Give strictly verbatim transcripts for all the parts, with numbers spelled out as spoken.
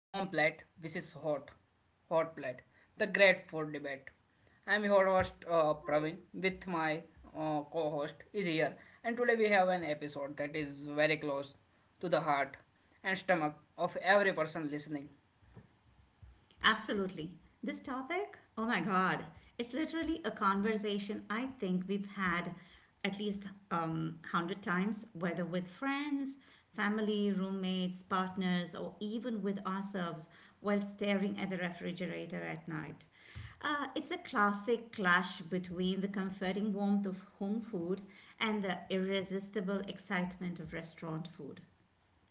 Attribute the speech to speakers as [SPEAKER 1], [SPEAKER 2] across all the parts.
[SPEAKER 1] Home Plate. This is Hot Hot Plate, the great food debate. I'm your host uh, Praveen with my uh, co-host is here, and today we have an episode that is very close to the heart and stomach of every person listening.
[SPEAKER 2] Absolutely. This topic, oh my God, it's literally a conversation I think we've had at least um, a hundred times, whether with friends, family, roommates, partners, or even with ourselves while staring at the refrigerator at night. Uh, it's a classic clash between the comforting warmth of home food and the irresistible excitement of restaurant food.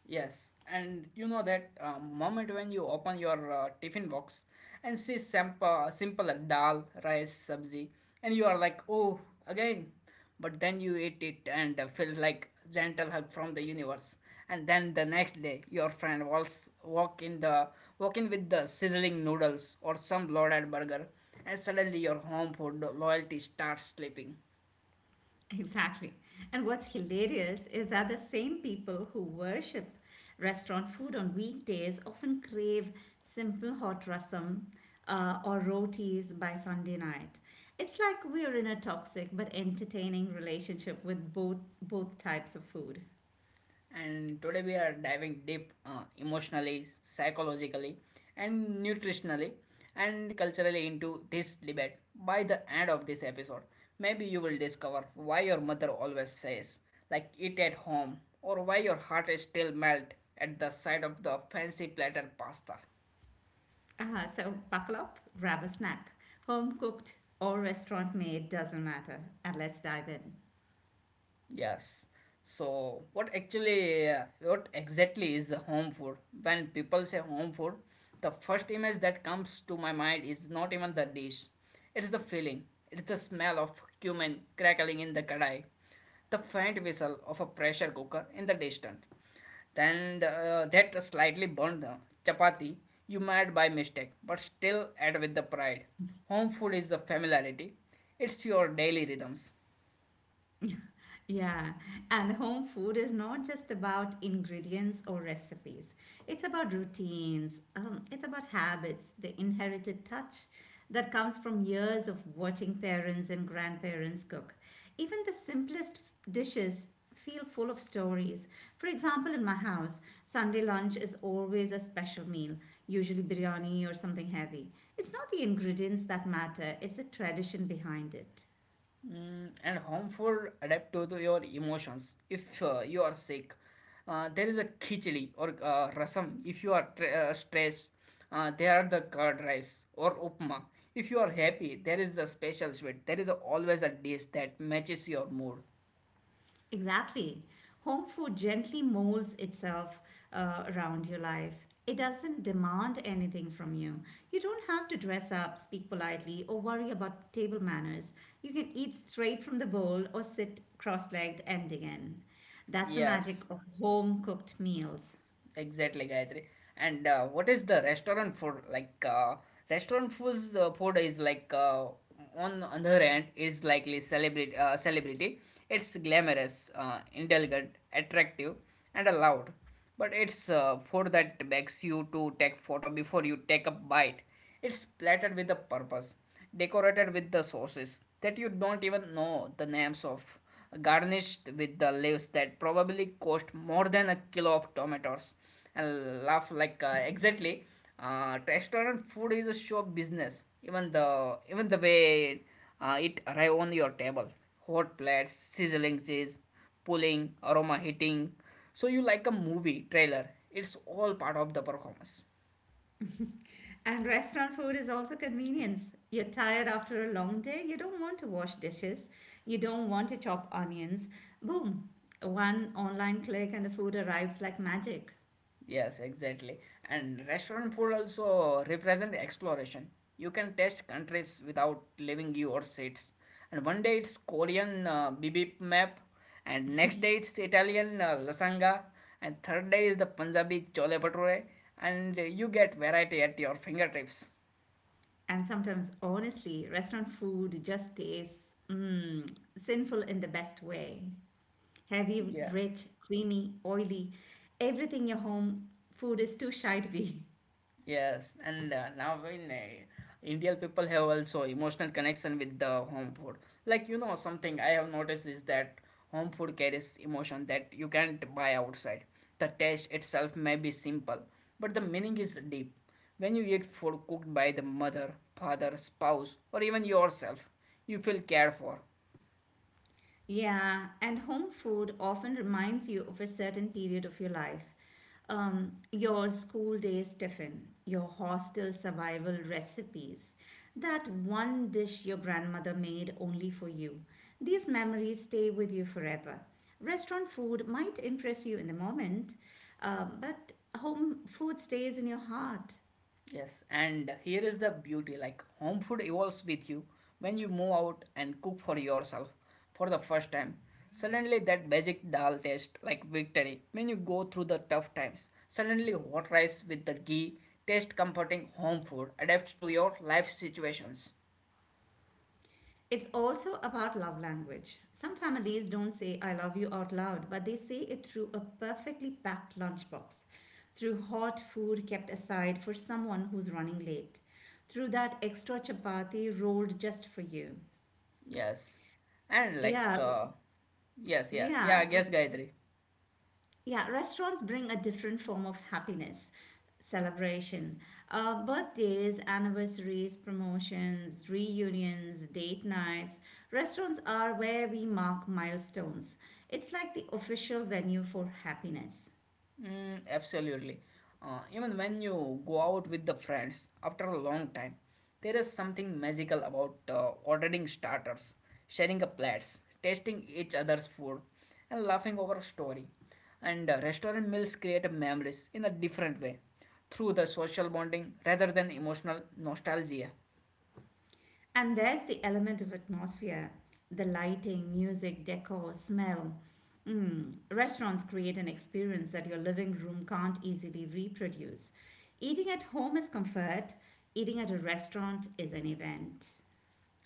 [SPEAKER 1] Yes, and you know that uh, moment when you open your uh, tiffin box and see simple, simple dal, rice, sabzi, and you are like, oh, again. But then you eat it and uh, feel like gentle hug from the universe. And then the next day, your friend walks walk in the walk in with the sizzling noodles or some loaded burger, and suddenly your home food loyalty starts sleeping.
[SPEAKER 2] Exactly. And what's hilarious is that the same people who worship restaurant food on weekdays often crave simple hot rasam uh, or rotis by Sunday night. It's like we're in a toxic but entertaining relationship with both both types of food.
[SPEAKER 1] And today we are diving deep, uh, emotionally, psychologically, and nutritionally and culturally into this debate. By the end of this episode, maybe you will discover why your mother always says, like, eat at home, or why your heart is still melt at the sight of the fancy platter pasta.
[SPEAKER 2] Uh, so buckle up, grab a snack, home cooked or restaurant made, doesn't matter, and let's dive in.
[SPEAKER 1] Yes. So, what actually, uh, what exactly is a home food? When people say home food, the first image that comes to my mind is not even the dish. It's the feeling. It's the smell of cumin crackling in the kadai, the faint whistle of a pressure cooker in the distance, then the, uh, that slightly burnt uh, chapati you made by mistake, but still add with the pride. Home food is the familiarity. It's your daily rhythms.
[SPEAKER 2] Yeah, and home food is not just about ingredients or recipes. It's about routines, um, it's about habits, the inherited touch that comes from years of watching parents and grandparents cook. Even the simplest f- dishes feel full of stories. For example, in my house, Sunday lunch is always a special meal, usually biryani or something heavy. It's not the ingredients that matter, it's the tradition behind it.
[SPEAKER 1] Mm, and harmful adapt to the- your emotions. If uh, you are sick, uh, there is a khichdi or uh, rasam. If you are tr- uh, stressed, uh, there are the curd rice or upma. If you are happy, there is a special sweet. There is a, always a dish that matches your mood.
[SPEAKER 2] Exactly. Home food gently molds itself uh, around your life. It doesn't demand anything from you. You don't have to dress up, speak politely, or worry about table manners. You can eat straight from the bowl or sit cross legged and dig in. That's the magic
[SPEAKER 1] Yes.
[SPEAKER 2] of home cooked meals.
[SPEAKER 1] Exactly, Gayatri. And uh, what is the restaurant food like? Uh, restaurant foods uh, food is like uh, on on the other hand, is likely celebrity. Uh, celebrity. It's glamorous, uh, indulgent, attractive, and loud. But it's uh, food that begs you to take photo before you take a bite. It's plated with a purpose, decorated with the sauces that you don't even know the names of, garnished with the leaves that probably cost more than a kilo of tomatoes. And laugh like uh, exactly. Uh, restaurant food is a show business. Even the even the way uh, it arrive on your table, hot plates, sizzling cheese, pulling aroma hitting. So you like a movie trailer. It's all part of the performance.
[SPEAKER 2] And restaurant food is also convenience. You're tired after a long day, you don't want to wash dishes, you don't want to chop onions. Boom! One online click and the food arrives like magic.
[SPEAKER 1] Yes, exactly. And restaurant food also represent exploration. You can taste countries without leaving your seats. And one day it's Korean uh, bibimbap, and next day it's Italian uh, lasagna, and third day is the Punjabi chole bhature, and you get variety at your fingertips.
[SPEAKER 2] And sometimes, honestly, restaurant food just tastes mm, sinful in the best way. Heavy,
[SPEAKER 1] Yeah.
[SPEAKER 2] rich, creamy, oily. Everything your home food is too shy to be.
[SPEAKER 1] Yes, and uh, now in uh, Indian people have also emotional connection with the home food. Like you know, something I have noticed is that home food carries emotion that you can't buy outside. The taste itself may be simple, but the meaning is deep. When you eat food cooked by the mother, father, spouse, or even yourself, you feel cared for.
[SPEAKER 2] Yeah, and home food often reminds you of a certain period of your life. Um, your school days tiffin, your hostel survival recipes, that one dish your grandmother made only for you. These memories stay with you forever. Restaurant food might impress you in the moment, um, but home food stays in your heart.
[SPEAKER 1] Yes, and here is the beauty, like home food evolves with you when you move out and cook for yourself for the first time. Suddenly, that basic dal taste like victory. When you go through the tough times, suddenly, hot rice with the ghee taste comforting. Home food adapts to your life situations.
[SPEAKER 2] It's also about love language. Some families don't say, I love you out loud, but they say it through a perfectly packed lunchbox, through hot food kept aside for someone who's running late, through that extra chapati rolled just for you.
[SPEAKER 1] Yes, and like,
[SPEAKER 2] Yeah,
[SPEAKER 1] uh, yes, yeah,
[SPEAKER 2] yeah.
[SPEAKER 1] yeah, I guess Gayatri.
[SPEAKER 2] Yeah, restaurants bring a different form of happiness, celebration, uh, birthdays, anniversaries, promotions, reunions, date nights. Restaurants are where we mark milestones. It's like the official venue for happiness.
[SPEAKER 1] Mm, absolutely. Uh, even when you go out with the friends after a long time, there is something magical about uh, ordering starters, sharing a plates, tasting each other's food, and laughing over a story. And uh, restaurant meals create memories in a different way, through the social bonding rather than emotional nostalgia.
[SPEAKER 2] And there's the element of atmosphere the lighting, music, decor, smell. Mm, restaurants create an experience that your living room can't easily reproduce. Eating at home is comfort, eating at a restaurant is an event.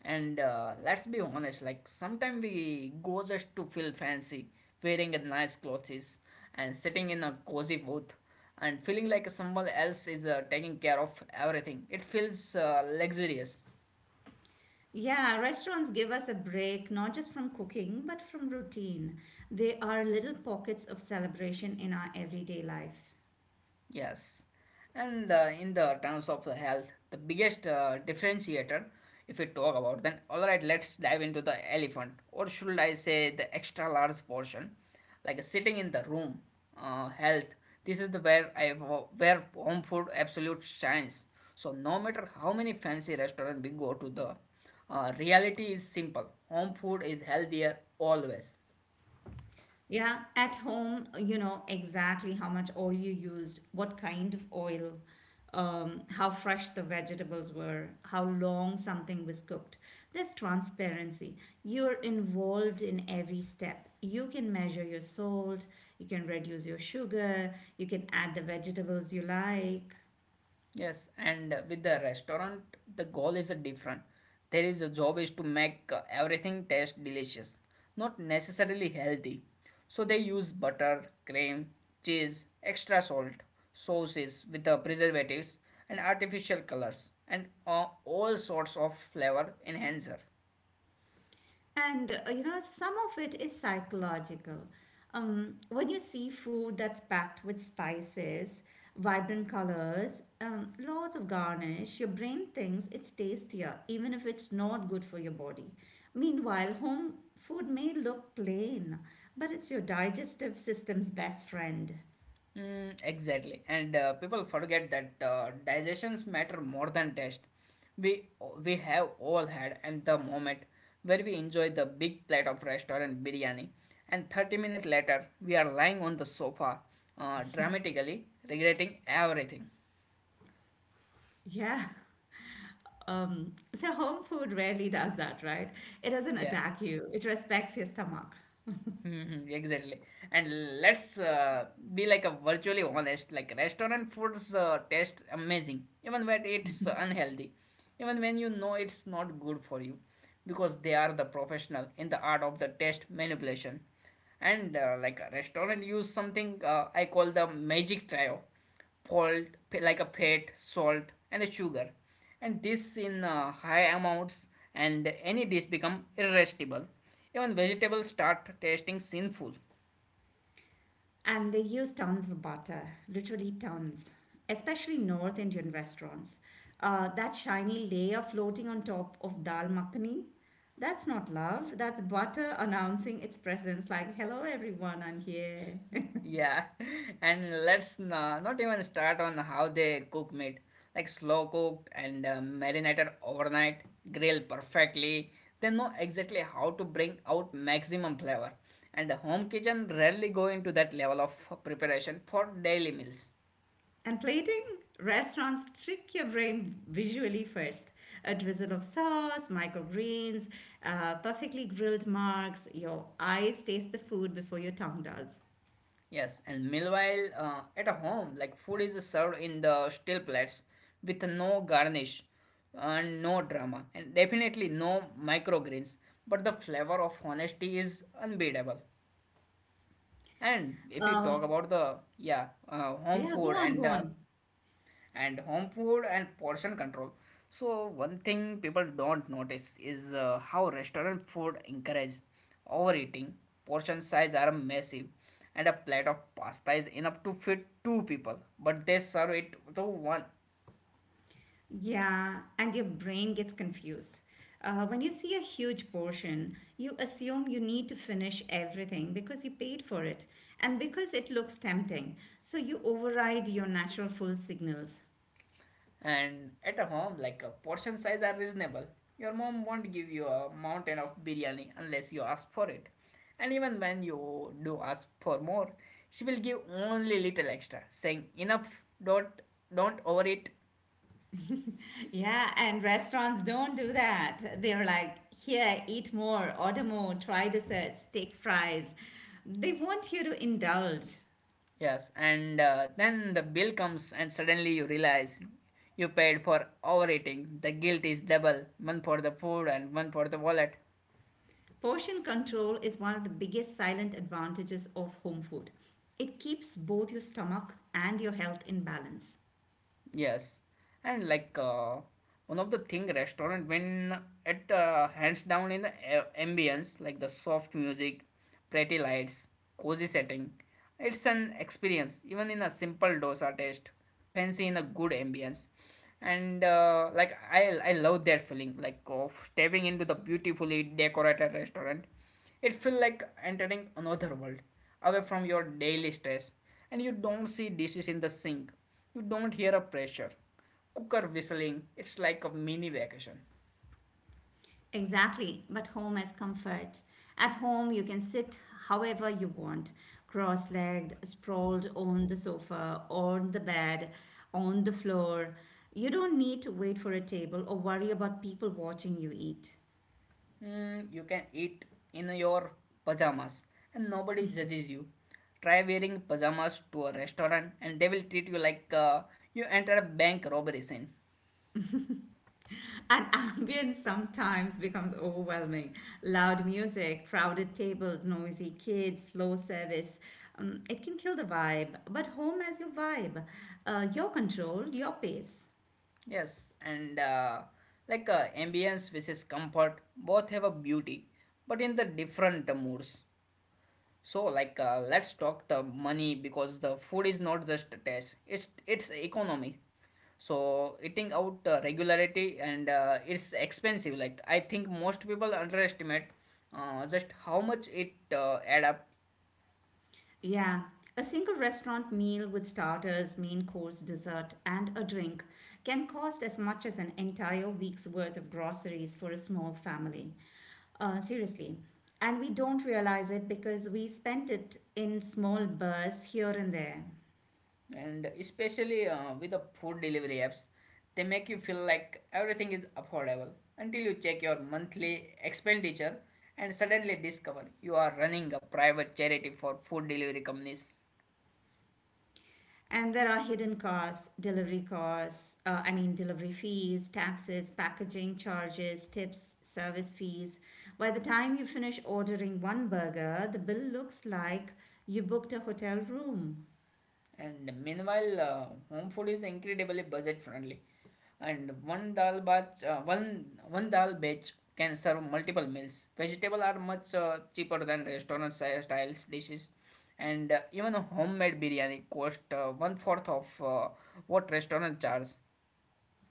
[SPEAKER 1] And uh, let's be honest, like sometimes we go just to feel fancy, wearing a nice clothes and sitting in a cozy booth and feeling like someone else is uh, taking care of everything. It feels uh, luxurious.
[SPEAKER 2] Yeah, restaurants give us a break not just from cooking but from routine. They are little pockets of celebration in our everyday life.
[SPEAKER 1] Yes, and uh, in the terms of the health, the biggest uh, differentiator, if we talk about, then all right, let's dive into the elephant, or should I say the extra large portion, like sitting in the room, uh, health. This is the where I where home food absolute shines. So no matter how many fancy restaurant we go to, the uh, reality is simple: home food is healthier always.
[SPEAKER 2] Yeah, at home, you know exactly how much oil you used, what kind of oil, um, how fresh the vegetables were, how long something was cooked. There's transparency. You're involved in every step. You can measure your salt, you can reduce your sugar, you can add the vegetables you like.
[SPEAKER 1] Yes, and uh, with the restaurant, the goal is uh, different. There is a job is to make uh, everything taste delicious, not necessarily healthy. So they use butter, cream, cheese, extra salt, sauces with the preservatives and artificial colors and uh, all sorts of flavor enhancer.
[SPEAKER 2] And uh, you know, some of it is psychological. Um, when you see food that's packed with spices, vibrant colors, um, loads of garnish, your brain thinks it's tastier, even if it's not good for your body. Meanwhile, home food may look plain, but it's your digestive system's best friend.
[SPEAKER 1] Mm, exactly, and uh, people forget that uh, digestions matter more than taste. We we have all had and the moment where we enjoy the big plate of restaurant biryani, and thirty minutes later we are lying on the sofa, uh, dramatically regretting everything.
[SPEAKER 2] Yeah. Um, so, home food rarely does that, right? It doesn't
[SPEAKER 1] Yeah.
[SPEAKER 2] attack you, it respects your stomach.
[SPEAKER 1] Mhm, exactly. And let's uh, be like a virtually honest, like restaurant foods uh, taste amazing even when it's unhealthy, even when you know it's not good for you, because they are the professional in the art of the taste manipulation. And uh, like a restaurant use something uh, I call the magic trio. Salt, like a fat, Salt, and the sugar, and this in uh, high amounts, and any dish become irresistible. Even vegetables start tasting sinful.
[SPEAKER 2] And they use tons of butter, literally tons, especially North Indian restaurants. Uh, that shiny layer floating on top of dal makhani, that's not love, that's butter announcing its presence like, hello everyone, I'm here.
[SPEAKER 1] Yeah. And let's na- not even start on how they cook meat, like slow cooked and uh, marinated overnight, grilled perfectly. They know exactly how to bring out maximum flavor, and the home kitchen rarely go into that level of preparation for daily meals.
[SPEAKER 2] And plating, restaurants trick your brain visually first. A drizzle of sauce, microgreens, uh, perfectly grilled marks, your eyes taste the food before your tongue does.
[SPEAKER 1] Yes, and meanwhile, uh, at a home, like food is served in the steel plates with no garnish and no drama, and definitely no microgreens. But the flavor of honesty is unbeatable. And if we talk
[SPEAKER 2] Um,
[SPEAKER 1] about the yeah uh, home
[SPEAKER 2] yeah, go
[SPEAKER 1] food
[SPEAKER 2] on, go
[SPEAKER 1] and uh,
[SPEAKER 2] on.
[SPEAKER 1] and home food and portion control. So one thing people don't notice is uh, how restaurant food encourages overeating. Portion size are massive, and a plate of pasta is enough to feed two people, but they serve it to one.
[SPEAKER 2] Yeah, and your brain gets confused. Uh, when you see a huge portion, you assume you need to finish everything because you paid for it and because it looks tempting. So you override your natural full signals.
[SPEAKER 1] And at a home, like a portion size are reasonable. Your mom won't give you a mountain of biryani unless you ask for it. And even when you do ask for more, she will give only little extra, saying enough, don't don't overeat.
[SPEAKER 2] Yeah, and restaurants don't do that. They're like, here, eat more, order more, try desserts, take fries. They want you to indulge.
[SPEAKER 1] Yes, and uh, then the bill comes and suddenly you realize you paid for overeating. The guilt is double, one for the food and one for the wallet.
[SPEAKER 2] Portion control is one of the biggest silent advantages of home food. It keeps both your stomach and your health in balance.
[SPEAKER 1] Yes, and like uh, one of the thing restaurant when it uh, hands down in the a- ambience, like the soft music, pretty lights, cozy setting. It's an experience. Even in a simple dosa taste, fancy in a good ambience, and uh, like I I love that feeling like of stepping into the beautifully decorated restaurant. It feels like entering another world, away from your daily stress, and you don't see dishes in the sink, you don't hear a pressure. Cooker whistling, it's like a mini vacation.
[SPEAKER 2] Exactly, but home has comfort. At home, you can sit however you want cross legged, sprawled on the sofa, on the bed, on the floor. You don't need to wait for a table or worry about people watching you eat.
[SPEAKER 1] Mm, you can eat in your pajamas and nobody judges you. Try wearing pajamas to a restaurant and they will treat you like uh, you entered a bank robbery scene.
[SPEAKER 2] And ambience sometimes becomes overwhelming. Loud music, crowded tables, noisy kids, slow service. Um, it can kill the vibe, but home has your vibe, uh, your control, your pace.
[SPEAKER 1] Yes, and uh, like uh, ambience versus comfort, both have a beauty, but in the different moods. So, like, uh, let's talk the money, because the food is not just a taste; it's it's economy. So, eating out uh, regularity and uh, it's expensive. Like, I think most people underestimate uh, just how much it uh, add up,
[SPEAKER 2] Yeah, a single restaurant meal with starters, main course, dessert, and a drink can cost as much as an entire week's worth of groceries for a small family. Uh, seriously. And we don't realize it because we spent it in small bursts here and there.
[SPEAKER 1] and especially uh, with the food delivery apps, they make you feel like everything is affordable until you check your monthly expenditure and suddenly discover you are running a private charity for food delivery companies.
[SPEAKER 2] And there are hidden costs, delivery costs, uh, I mean, delivery fees, taxes, packaging charges, tips, service fees. By the time you finish ordering one burger, the bill looks like you booked a hotel room.
[SPEAKER 1] And meanwhile, uh, home food is incredibly budget friendly. And one dal batch, uh, one one dal batch can serve multiple meals. Vegetables are much uh, cheaper than restaurant si- styles dishes, and uh, even a homemade biryani cost uh, one fourth of uh, what restaurant charges.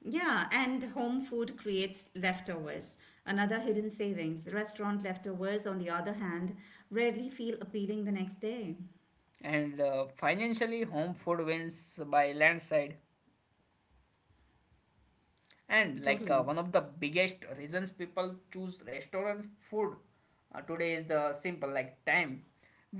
[SPEAKER 2] Yeah, and home food creates leftovers. Another hidden savings. Restaurant leftovers, on the other hand, rarely feel appealing the next day.
[SPEAKER 1] And uh, financially, home food wins by landslide. And like uh,
[SPEAKER 2] Totally.
[SPEAKER 1] one of the biggest reasons people choose restaurant food uh, today is the simple, like time.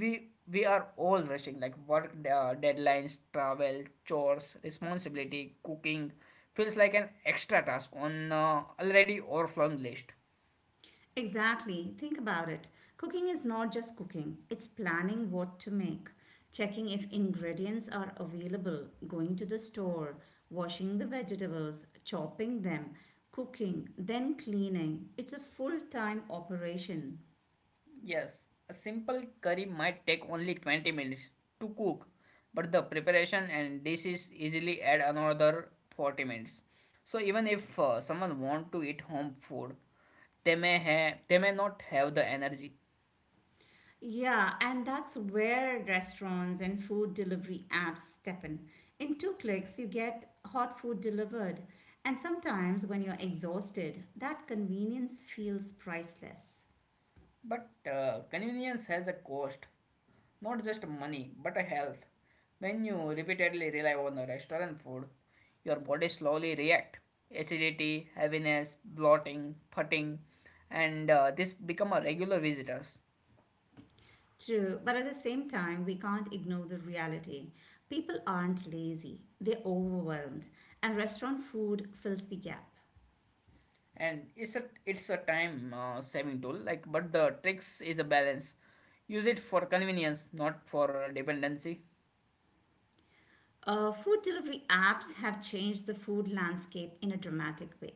[SPEAKER 1] We we are all rushing, like work, uh, deadlines, travel, chores, responsibility. Cooking feels like an extra task on uh, already overflowing list.
[SPEAKER 2] Exactly. Think about it. Cooking is not just cooking, it's planning what to make, checking if ingredients are available, going to the store, washing the vegetables, chopping them, cooking, then cleaning. It's a full time operation.
[SPEAKER 1] Yes, a simple curry might take only twenty minutes to cook, but the preparation and dishes easily add another forty minutes. So even if uh, someone want to eat home food, they may have they may not have the energy.
[SPEAKER 2] Yeah, and that's where restaurants and food delivery apps step in. In two clicks, you get hot food delivered. And sometimes, when you're exhausted, that convenience feels priceless.
[SPEAKER 1] But uh, convenience has a cost, not just money, but a health. When you repeatedly rely on the restaurant food, your body slowly react. Acidity, heaviness, bloating, putting, and uh, this become a regular visitors.
[SPEAKER 2] True, but at the same time, we can't ignore the reality. People aren't lazy, they're overwhelmed, and restaurant food fills the gap.
[SPEAKER 1] And it's a it's a time uh, saving tool. Like, but the tricks is a balance. Use it for convenience, not for dependency.
[SPEAKER 2] Uh, food delivery apps have changed the food landscape in a dramatic way.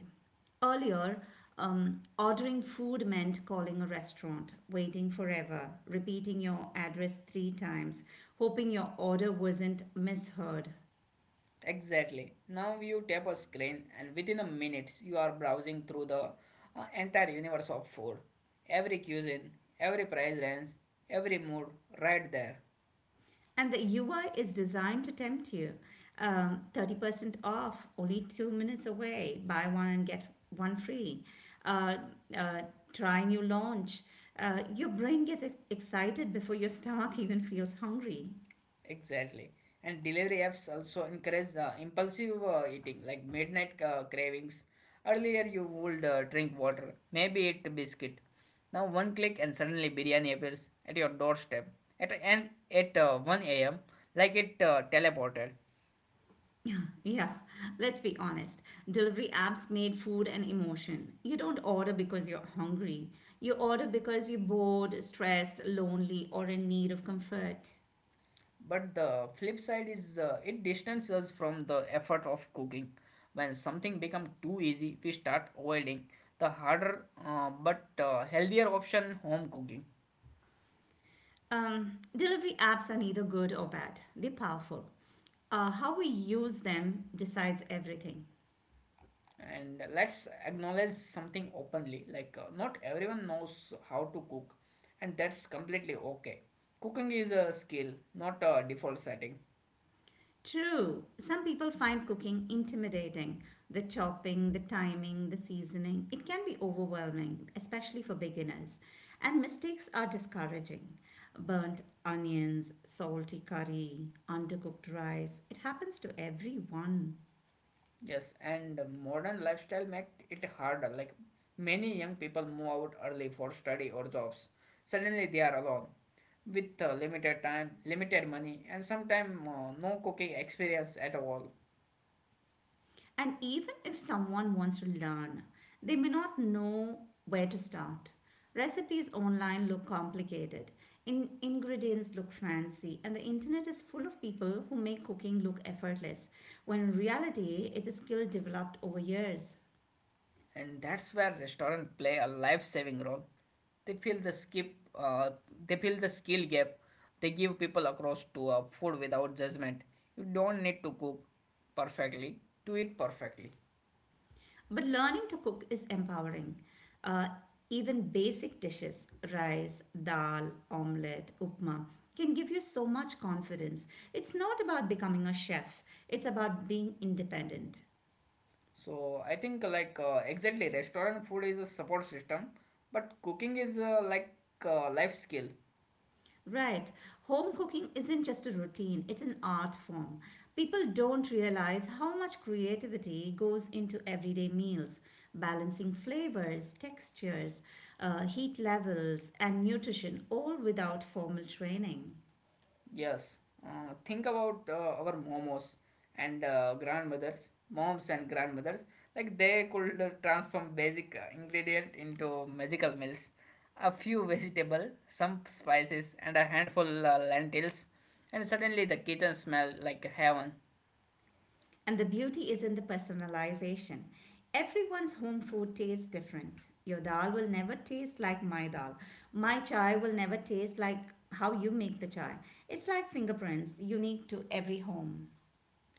[SPEAKER 2] Earlier, um, ordering food meant calling a restaurant, waiting forever, repeating your address three times, hoping your order wasn't misheard.
[SPEAKER 1] Exactly. Now you tap a screen, and within a minute, you are browsing through the uh, entire universe of food. Every cuisine, every price range, every mood, right there.
[SPEAKER 2] And the U I is designed to tempt you. Um, thirty percent off, only two minutes away, buy one and get one free. Uh, uh, try new launch. Uh, your brain gets ex- excited before your stomach even feels hungry.
[SPEAKER 1] Exactly. And delivery apps also encourage uh, impulsive uh, eating, like midnight uh, cravings. Earlier, you would uh, drink water, maybe eat biscuit. Now, one click, and suddenly biryani appears at your doorstep at and at uh, one a m like it uh, teleported.
[SPEAKER 2] Yeah, let's be honest. Delivery apps made food an emotion. You don't order because you're hungry. You order because you're bored, stressed, lonely, or in need of comfort.
[SPEAKER 1] But the flip side is uh, it distances us from the effort of cooking. When something becomes too easy, we start avoiding the harder uh, but uh, healthier option home cooking.
[SPEAKER 2] Um, delivery apps are neither good or bad, they're powerful. Uh, how we use them decides everything.
[SPEAKER 1] And let's acknowledge something openly like uh, not everyone knows how to cook, and that's completely okay. Cooking is a skill, not a default setting.
[SPEAKER 2] True, some people find cooking intimidating the chopping, the timing, the seasoning. It can be overwhelming, especially for beginners. And mistakes are discouraging. Burnt onions, salty curry, undercooked rice, it happens to everyone.
[SPEAKER 1] Yes, and modern lifestyle make it harder. Like many young people move out early for study or jobs. Suddenly they are alone with uh, limited time, limited money, and sometimes uh, no cooking experience at all.
[SPEAKER 2] And even if someone wants to learn, they may not know where to start. Recipes online look complicated, in- ingredients look fancy, and the internet is full of people who make cooking look effortless, when in reality, it's a skill developed over years.
[SPEAKER 1] And that's where restaurants play a life-saving role. They fill the skip, uh, they fill the skill gap. They give people across to uh, food without judgment. You don't need to cook perfectly to eat perfectly.
[SPEAKER 2] But learning to cook is empowering. Uh, even basic dishes, rice, dal, omelette, upma, can give you so much confidence. It's not about becoming a chef, it's about being independent.
[SPEAKER 1] So I think like uh, exactly restaurant food is a support system, but cooking is uh, like uh, life skill.
[SPEAKER 2] Right. Home cooking isn't just a routine, it's an art form. People don't realize how much creativity goes into everyday meals, balancing flavors, textures, uh, heat levels, and nutrition, all without formal training.
[SPEAKER 1] Yes, uh, think about uh, our momos and uh, grandmothers, moms and grandmothers. Like they could uh, transform basic uh, ingredient into magical meals. A few vegetable, some spices, and a handful uh, lentils, and suddenly the kitchen smell like heaven.
[SPEAKER 2] And the beauty is in the personalization. Everyone's home food tastes different. Your dal will never taste like my dal. My chai will never taste like how you make the chai. It's like fingerprints, unique to every home.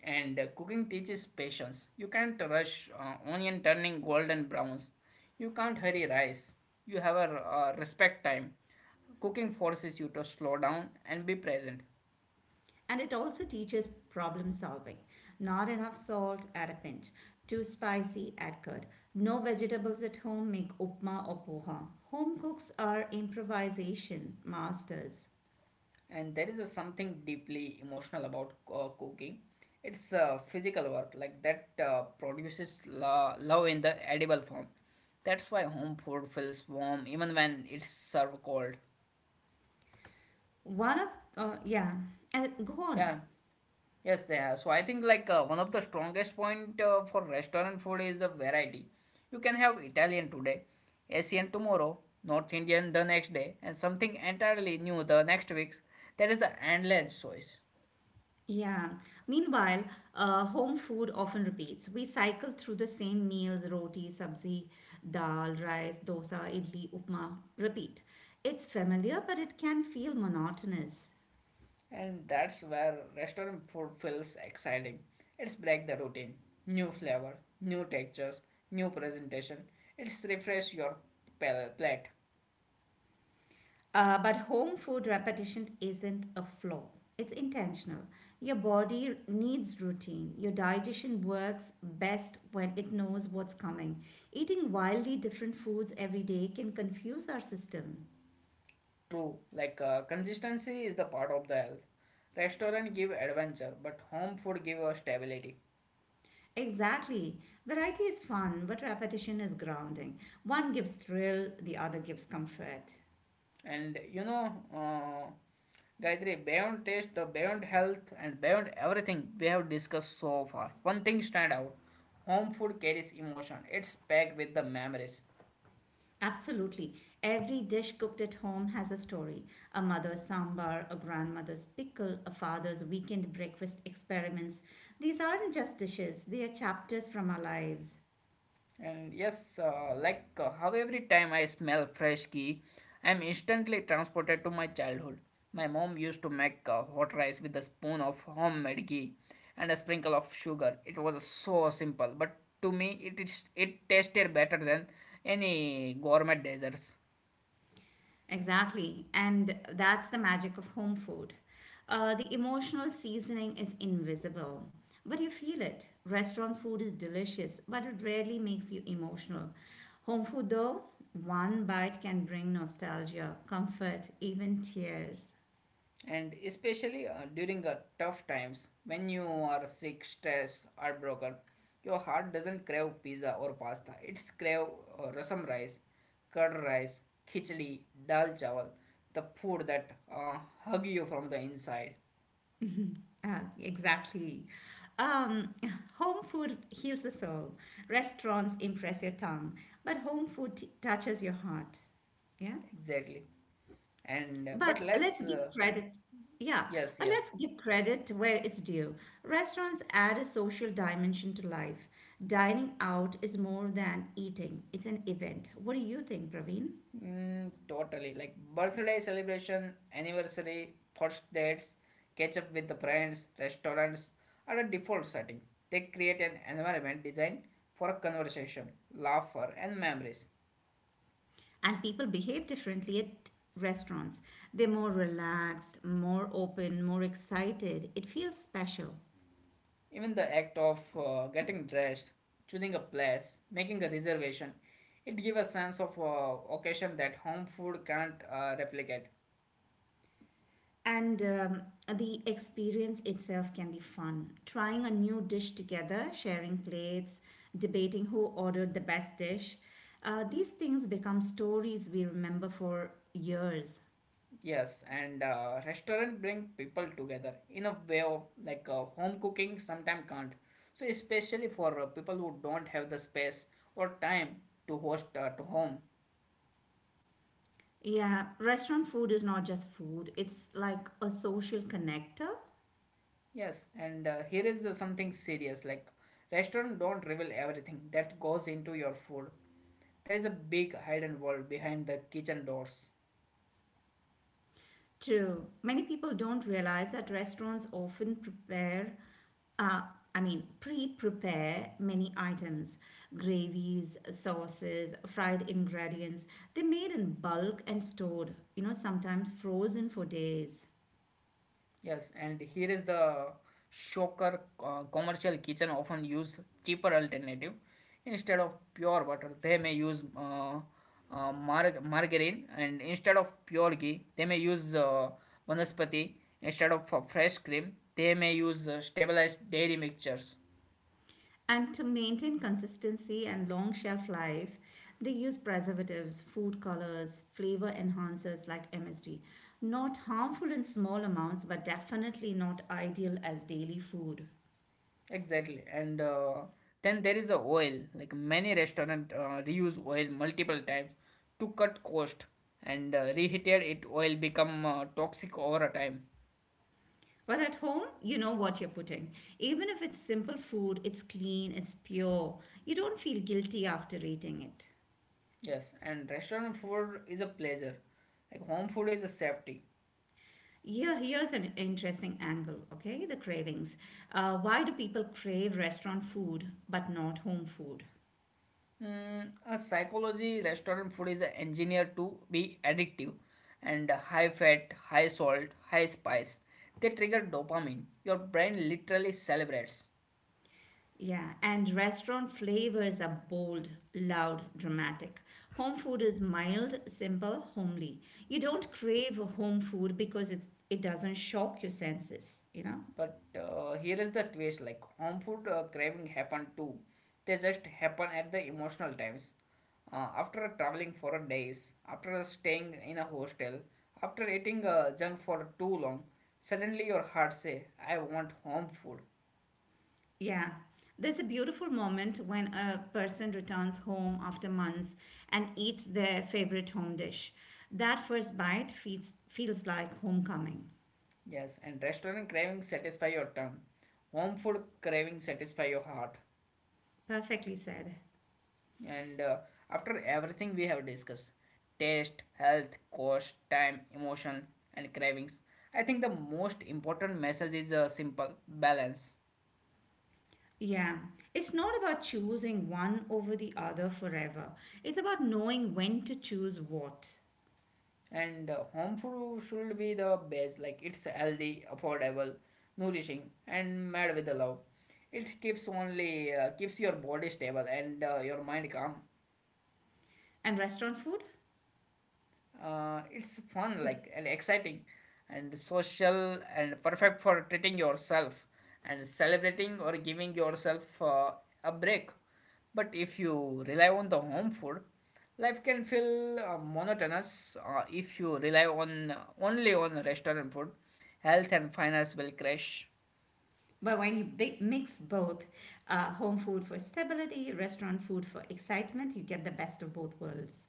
[SPEAKER 1] and uh, cooking teaches patience. You can't rush uh, onion turning golden browns. You can't hurry rice. You have a uh, respect time. Cooking forces you to slow down and be present.
[SPEAKER 2] And it also teaches problem solving. Not enough salt at a pinch, too spicy Add curd. No vegetables at home, make upma or poha. Home cooks are improvisation masters.
[SPEAKER 1] And there is a something deeply emotional about uh, cooking. It's uh, physical work like that uh, produces lo- love in the edible form. That's why home food feels warm even when it's served cold.
[SPEAKER 2] One of, uh, yeah, uh, go on.
[SPEAKER 1] Yeah. Yes, they are. So I think like uh, one of the strongest point uh, for restaurant food is the variety. You can have Italian today, Asian tomorrow, North Indian the next day, and something entirely new the next week. That is the endless choice,
[SPEAKER 2] Yeah. Meanwhile, uh, home food often repeats. We cycle through the same meals roti, sabzi, dal, rice, dosa, idli, upma, repeat. It's familiar, but it can feel monotonous.
[SPEAKER 1] and that's where restaurant food feels exciting. It's break the routine, new flavor, new textures, new presentation. It's refresh your pal- plate.
[SPEAKER 2] Uh, but home food repetition isn't a flaw, it's intentional. Your body needs routine. Your digestion works best when it knows what's coming. Eating wildly different foods every day can confuse our system.
[SPEAKER 1] True, like uh, consistency is the part of the health. Restaurant give adventure, but home food give us stability.
[SPEAKER 2] Exactly. Variety is fun, but repetition is grounding. One gives thrill, the other gives comfort.
[SPEAKER 1] And you know, uh, Gayatri, beyond taste, the beyond health, and beyond everything we have discussed so far, one thing stand out: home food carries emotion. It's packed with the memories.
[SPEAKER 2] Absolutely. Every dish cooked at home has a story. A mother's sambar, a grandmother's pickle, a father's weekend breakfast experiments. These aren't just dishes, they are chapters from our lives.
[SPEAKER 1] And yes, uh, like uh, how every time I smell fresh ghee, I'm instantly transported to my childhood. My mom used to make uh, hot rice with a spoon of homemade ghee and a sprinkle of sugar. It was so simple, but to me, it is it tasted better than any gourmet desserts.
[SPEAKER 2] Exactly. And that's the magic of home food. Uh, the emotional seasoning is invisible, but you feel it. Restaurant food is delicious, but it rarely makes you emotional. Home food, though, one bite can bring nostalgia, comfort, even tears.
[SPEAKER 1] And especially uh, during uh, tough times when you are sick, stressed, heartbroken, your heart doesn't crave pizza or pasta. It's crave uh, rasam rice, curd rice, khichdi, dal chawal, the food that uh, hug you from the inside.
[SPEAKER 2] Ah, exactly. Um, Home food heals the soul. Restaurants impress your tongue, but home food t- touches your heart. Yeah.
[SPEAKER 1] Exactly. and uh, but
[SPEAKER 2] But
[SPEAKER 1] let's
[SPEAKER 2] let's give
[SPEAKER 1] uh,
[SPEAKER 2] credit. Yeah,
[SPEAKER 1] Yes,
[SPEAKER 2] but
[SPEAKER 1] yes.
[SPEAKER 2] let's give credit where it's due. Restaurants add a social dimension to life. Dining out is more than eating, it's an event. What do you think, Praveen?
[SPEAKER 1] Mm, totally. Like birthday celebration, anniversary, first dates, catch up with the friends, restaurants are a default setting. They create an environment designed for a conversation, laughter, and memories.
[SPEAKER 2] And people behave differently at restaurants. They're more relaxed, more open, more excited. It feels special.
[SPEAKER 1] Even the act of uh, getting dressed, choosing a place, making a reservation, it gives a sense of uh, occasion that home food can't uh, replicate.
[SPEAKER 2] And um, The experience itself can be fun. Trying a new dish together, sharing plates, debating who ordered the best dish. Uh, these things become stories we remember for years.
[SPEAKER 1] Yes, and uh, restaurant bring people together in a way of like uh, home cooking sometimes can't. So especially for uh, people who don't have the space or time to host at home.
[SPEAKER 2] Yeah, restaurant food is not just food, it's like a social connector.
[SPEAKER 1] Yes, and uh, here is uh, something serious like restaurant don't reveal everything that goes into your food. There is a big hidden world behind the kitchen doors.
[SPEAKER 2] True. Many people don't realize that restaurants often prepare, uh, I mean, pre prepare many items: gravies, sauces, fried ingredients. They made in bulk and stored, you know, sometimes frozen for days.
[SPEAKER 1] Yes, and here is the shocker. Uh, commercial kitchen often use cheaper alternative. Instead of pure butter they may use uh, uh, mar- margarine, and instead of pure ghee they may use uh, vanaspati, instead of uh, fresh cream they may use uh, stabilized dairy mixtures.
[SPEAKER 2] And to maintain consistency and long shelf life, they use preservatives, food colors, flavor enhancers like M S G. Not harmful in small amounts, but definitely not ideal as daily food.
[SPEAKER 1] Exactly. and uh, Then there is a oil. Like many restaurant uh, reuse oil multiple times to cut cost, and uh, reheated it oil become uh, toxic over a time.
[SPEAKER 2] But at home, you know what you're putting. Even if it's simple food, it's clean, it's pure. You don't feel guilty after eating it.
[SPEAKER 1] Yes, and restaurant food is a pleasure. Like home food is a safety.
[SPEAKER 2] Here, here's an interesting angle, okay? The cravings. Uh, why do people crave restaurant food but not home food?
[SPEAKER 1] Mm, a psychology restaurant food is engineered to be addictive and high fat, high salt, high spice. They trigger dopamine. Your brain literally celebrates.
[SPEAKER 2] Yeah, and restaurant flavors are bold, loud, dramatic. Home food is mild, simple, homely. You don't crave home food because it's, it doesn't shock your senses, you know?
[SPEAKER 1] But uh, here is the twist. Like home food uh, craving happen too. They just happen at the emotional times. Uh, after traveling for days, after staying in a hostel, after eating uh, junk for too long, suddenly your heart say, I want home food.
[SPEAKER 2] Yeah. There's a beautiful moment when a person returns home after months and eats their favorite home dish. That first bite feels, feels like homecoming.
[SPEAKER 1] Yes, and restaurant craving satisfy your tongue. Home food craving satisfy your heart.
[SPEAKER 2] Perfectly said.
[SPEAKER 1] And uh, after everything we have discussed, taste, health, cost, time, emotion, and cravings, I think the most important message is uh, simple balance.
[SPEAKER 2] Yeah. It's not about choosing one over the other forever, it's about knowing when to choose what.
[SPEAKER 1] And uh, home food should be the base, like it's healthy, affordable, nourishing, and made with the love. It keeps only uh, keeps your body stable and uh, your mind calm.
[SPEAKER 2] And restaurant food?
[SPEAKER 1] Uh, it's fun like and exciting and social and perfect for treating yourself and celebrating or giving yourself uh, a break. But if you rely on the home food, life can feel uh, monotonous. Uh, if you rely on uh, only on restaurant food, health and finance will crash.
[SPEAKER 2] But when you bi- mix both, uh, home food for stability, restaurant food for excitement, you get the best of both worlds.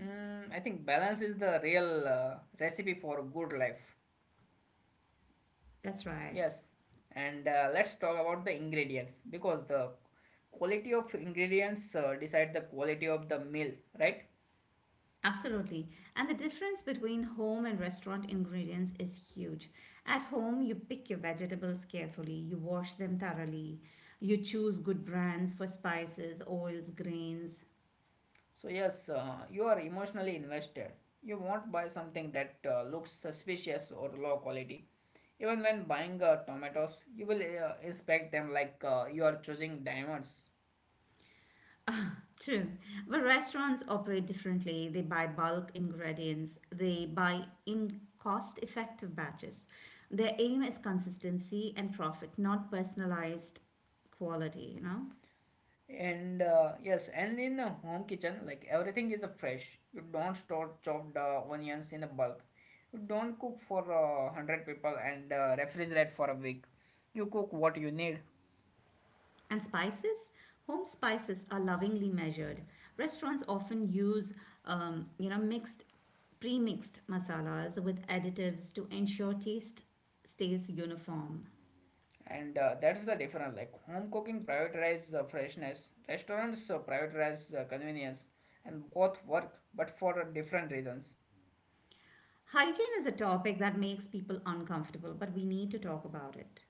[SPEAKER 1] Mm, I think balance is the real uh, recipe for good life.
[SPEAKER 2] That's right.
[SPEAKER 1] Yes, and uh, let's talk about the ingredients because the quality of ingredients uh, decide the quality of the meal, right?
[SPEAKER 2] Absolutely. And the difference between home and restaurant ingredients is huge. At home, you pick your vegetables carefully, you wash them thoroughly, you choose good brands for spices, oils, grains.
[SPEAKER 1] So yes, uh, you are emotionally invested. You won't buy something that uh, looks suspicious or low quality. Even when buying uh, tomatoes, you will uh, inspect them like uh, you are choosing diamonds.
[SPEAKER 2] True. But restaurants operate differently. They buy bulk ingredients, they buy in cost effective batches. Their aim is consistency and profit, not personalized quality, you know?
[SPEAKER 1] And uh, yes, and in the home kitchen, like everything is uh, fresh. You don't store chopped uh, onions in a bulk. You don't cook for uh, one hundred people and uh, refrigerate for a week. You cook what you need.
[SPEAKER 2] And spices? Home spices are lovingly measured. Restaurants often use, um, you know, mixed, pre-mixed masalas with additives to ensure taste stays uniform.
[SPEAKER 1] And uh, that's the difference. Like home cooking prioritizes uh, freshness, restaurants uh, prioritize uh, convenience, and both work, but for uh, different reasons.
[SPEAKER 2] Hygiene is a topic that makes people uncomfortable, but we need to talk about it.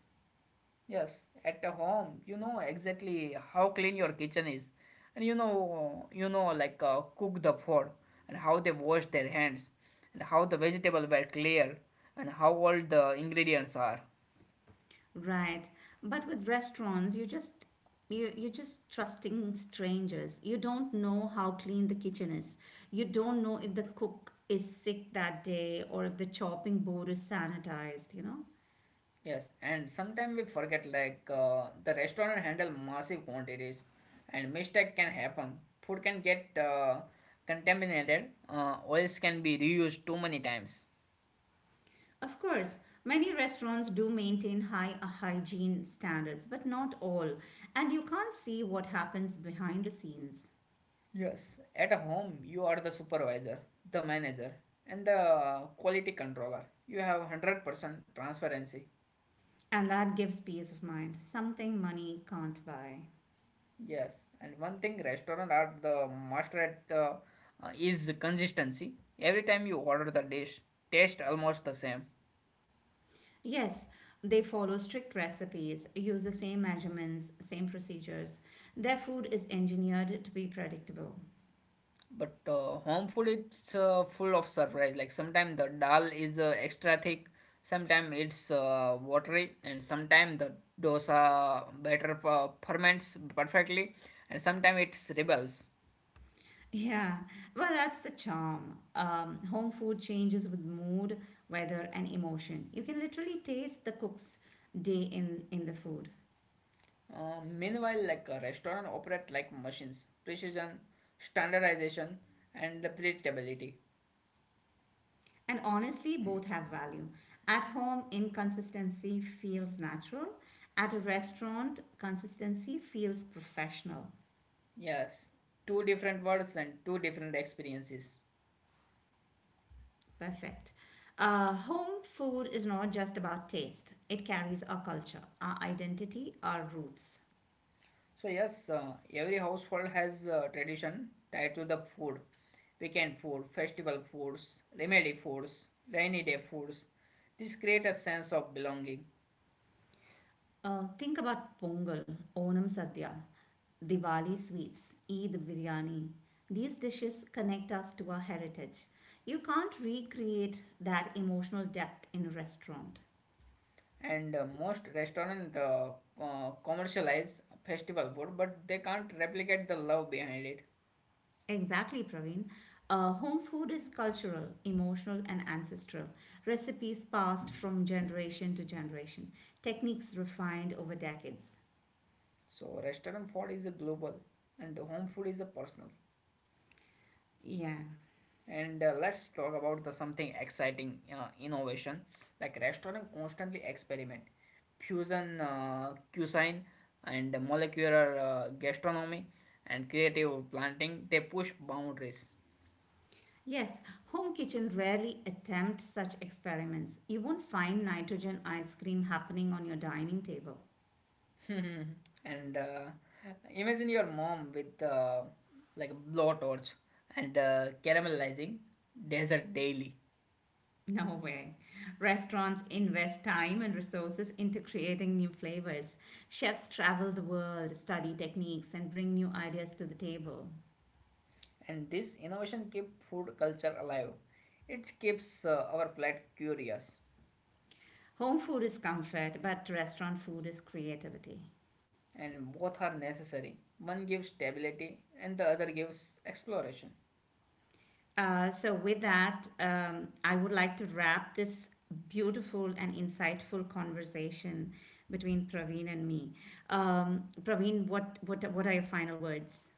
[SPEAKER 1] Yes, at a home, you know exactly how clean your kitchen is, and you know, you know, like uh, cook the food, and how they wash their hands, and how the vegetables were clear, and how all the ingredients are.
[SPEAKER 2] Right. But with restaurants, you just you you're just trusting strangers. You don't know how clean the kitchen is. You don't know if the cook is sick that day or if the chopping board is sanitized, you know?
[SPEAKER 1] Yes, and sometimes we forget like uh, the restaurant handle massive quantities, and mistake can happen. Food can get uh, contaminated. Uh, oils can be reused too many times.
[SPEAKER 2] Of course, many restaurants do maintain high uh, hygiene standards, but not all. And you can't see what happens behind the scenes.
[SPEAKER 1] Yes, at home you are the supervisor, the manager, and the quality controller. You have one hundred percent transparency.
[SPEAKER 2] And that gives peace of mind, something money can't buy.
[SPEAKER 1] Yes, and one thing restaurant are the master at the uh, is consistency. Every time you order the dish, taste almost the same.
[SPEAKER 2] Yes, they follow strict recipes, use the same measurements, same procedures. Their food is engineered to be predictable.
[SPEAKER 1] But uh, home food it's uh, full of surprise. Like sometimes the dal is uh, extra thick, sometimes it's uh, watery, and sometimes the dosa batter uh, ferments perfectly, and sometimes it's rebels.
[SPEAKER 2] Yeah, well, that's the charm. Um, home food changes with mood, weather, and emotion. You can literally taste the cook's day in, in the food.
[SPEAKER 1] Uh, meanwhile, like a restaurant operate like machines, precision, standardization, and predictability.
[SPEAKER 2] And honestly, both have value. At home, inconsistency feels natural. At a restaurant, consistency feels professional.
[SPEAKER 1] Yes, two different words and two different experiences.
[SPEAKER 2] Perfect. Uh, home food is not just about taste, it carries our culture, our identity, our roots.
[SPEAKER 1] So yes, uh, every household has uh, tradition tied to the food, weekend food, festival foods, remedy foods, rainy day foods. This create a sense of belonging.
[SPEAKER 2] Uh, think about Pongal, Onam Sadhya, Diwali sweets, Eid biryani. These dishes connect us to our heritage. You can't recreate that emotional depth in a restaurant.
[SPEAKER 1] And uh, most restaurant uh, uh, commercialize festival food, but they can't replicate the love behind it.
[SPEAKER 2] Exactly, Praveen. Uh, home food is cultural, emotional, and ancestral. Recipes passed from generation to generation, techniques refined over decades.
[SPEAKER 1] So restaurant food is a global, and home food is a personal.
[SPEAKER 2] Yeah.
[SPEAKER 1] And uh, let's talk about the something exciting uh, innovation. Like restaurant constantly experiment, fusion uh, cuisine and molecular uh, gastronomy and creative planting. They push boundaries.
[SPEAKER 2] Yes, home kitchen rarely attempt such experiments. You won't find nitrogen ice cream happening on your dining table.
[SPEAKER 1] and uh, imagine your mom with uh, like a blowtorch and uh, caramelizing desert daily.
[SPEAKER 2] No way. Restaurants invest time and resources into creating new flavors. Chefs travel the world, study techniques, and bring new ideas to the table.
[SPEAKER 1] And this innovation keep food culture alive. It keeps uh, our plate curious.
[SPEAKER 2] Home food is comfort, but restaurant food is creativity.
[SPEAKER 1] And both are necessary. One gives stability and the other gives exploration.
[SPEAKER 2] Uh, so, with that, um, I would like to wrap this beautiful and insightful conversation between Praveen and me. Um, Praveen, what, what, what are your final words?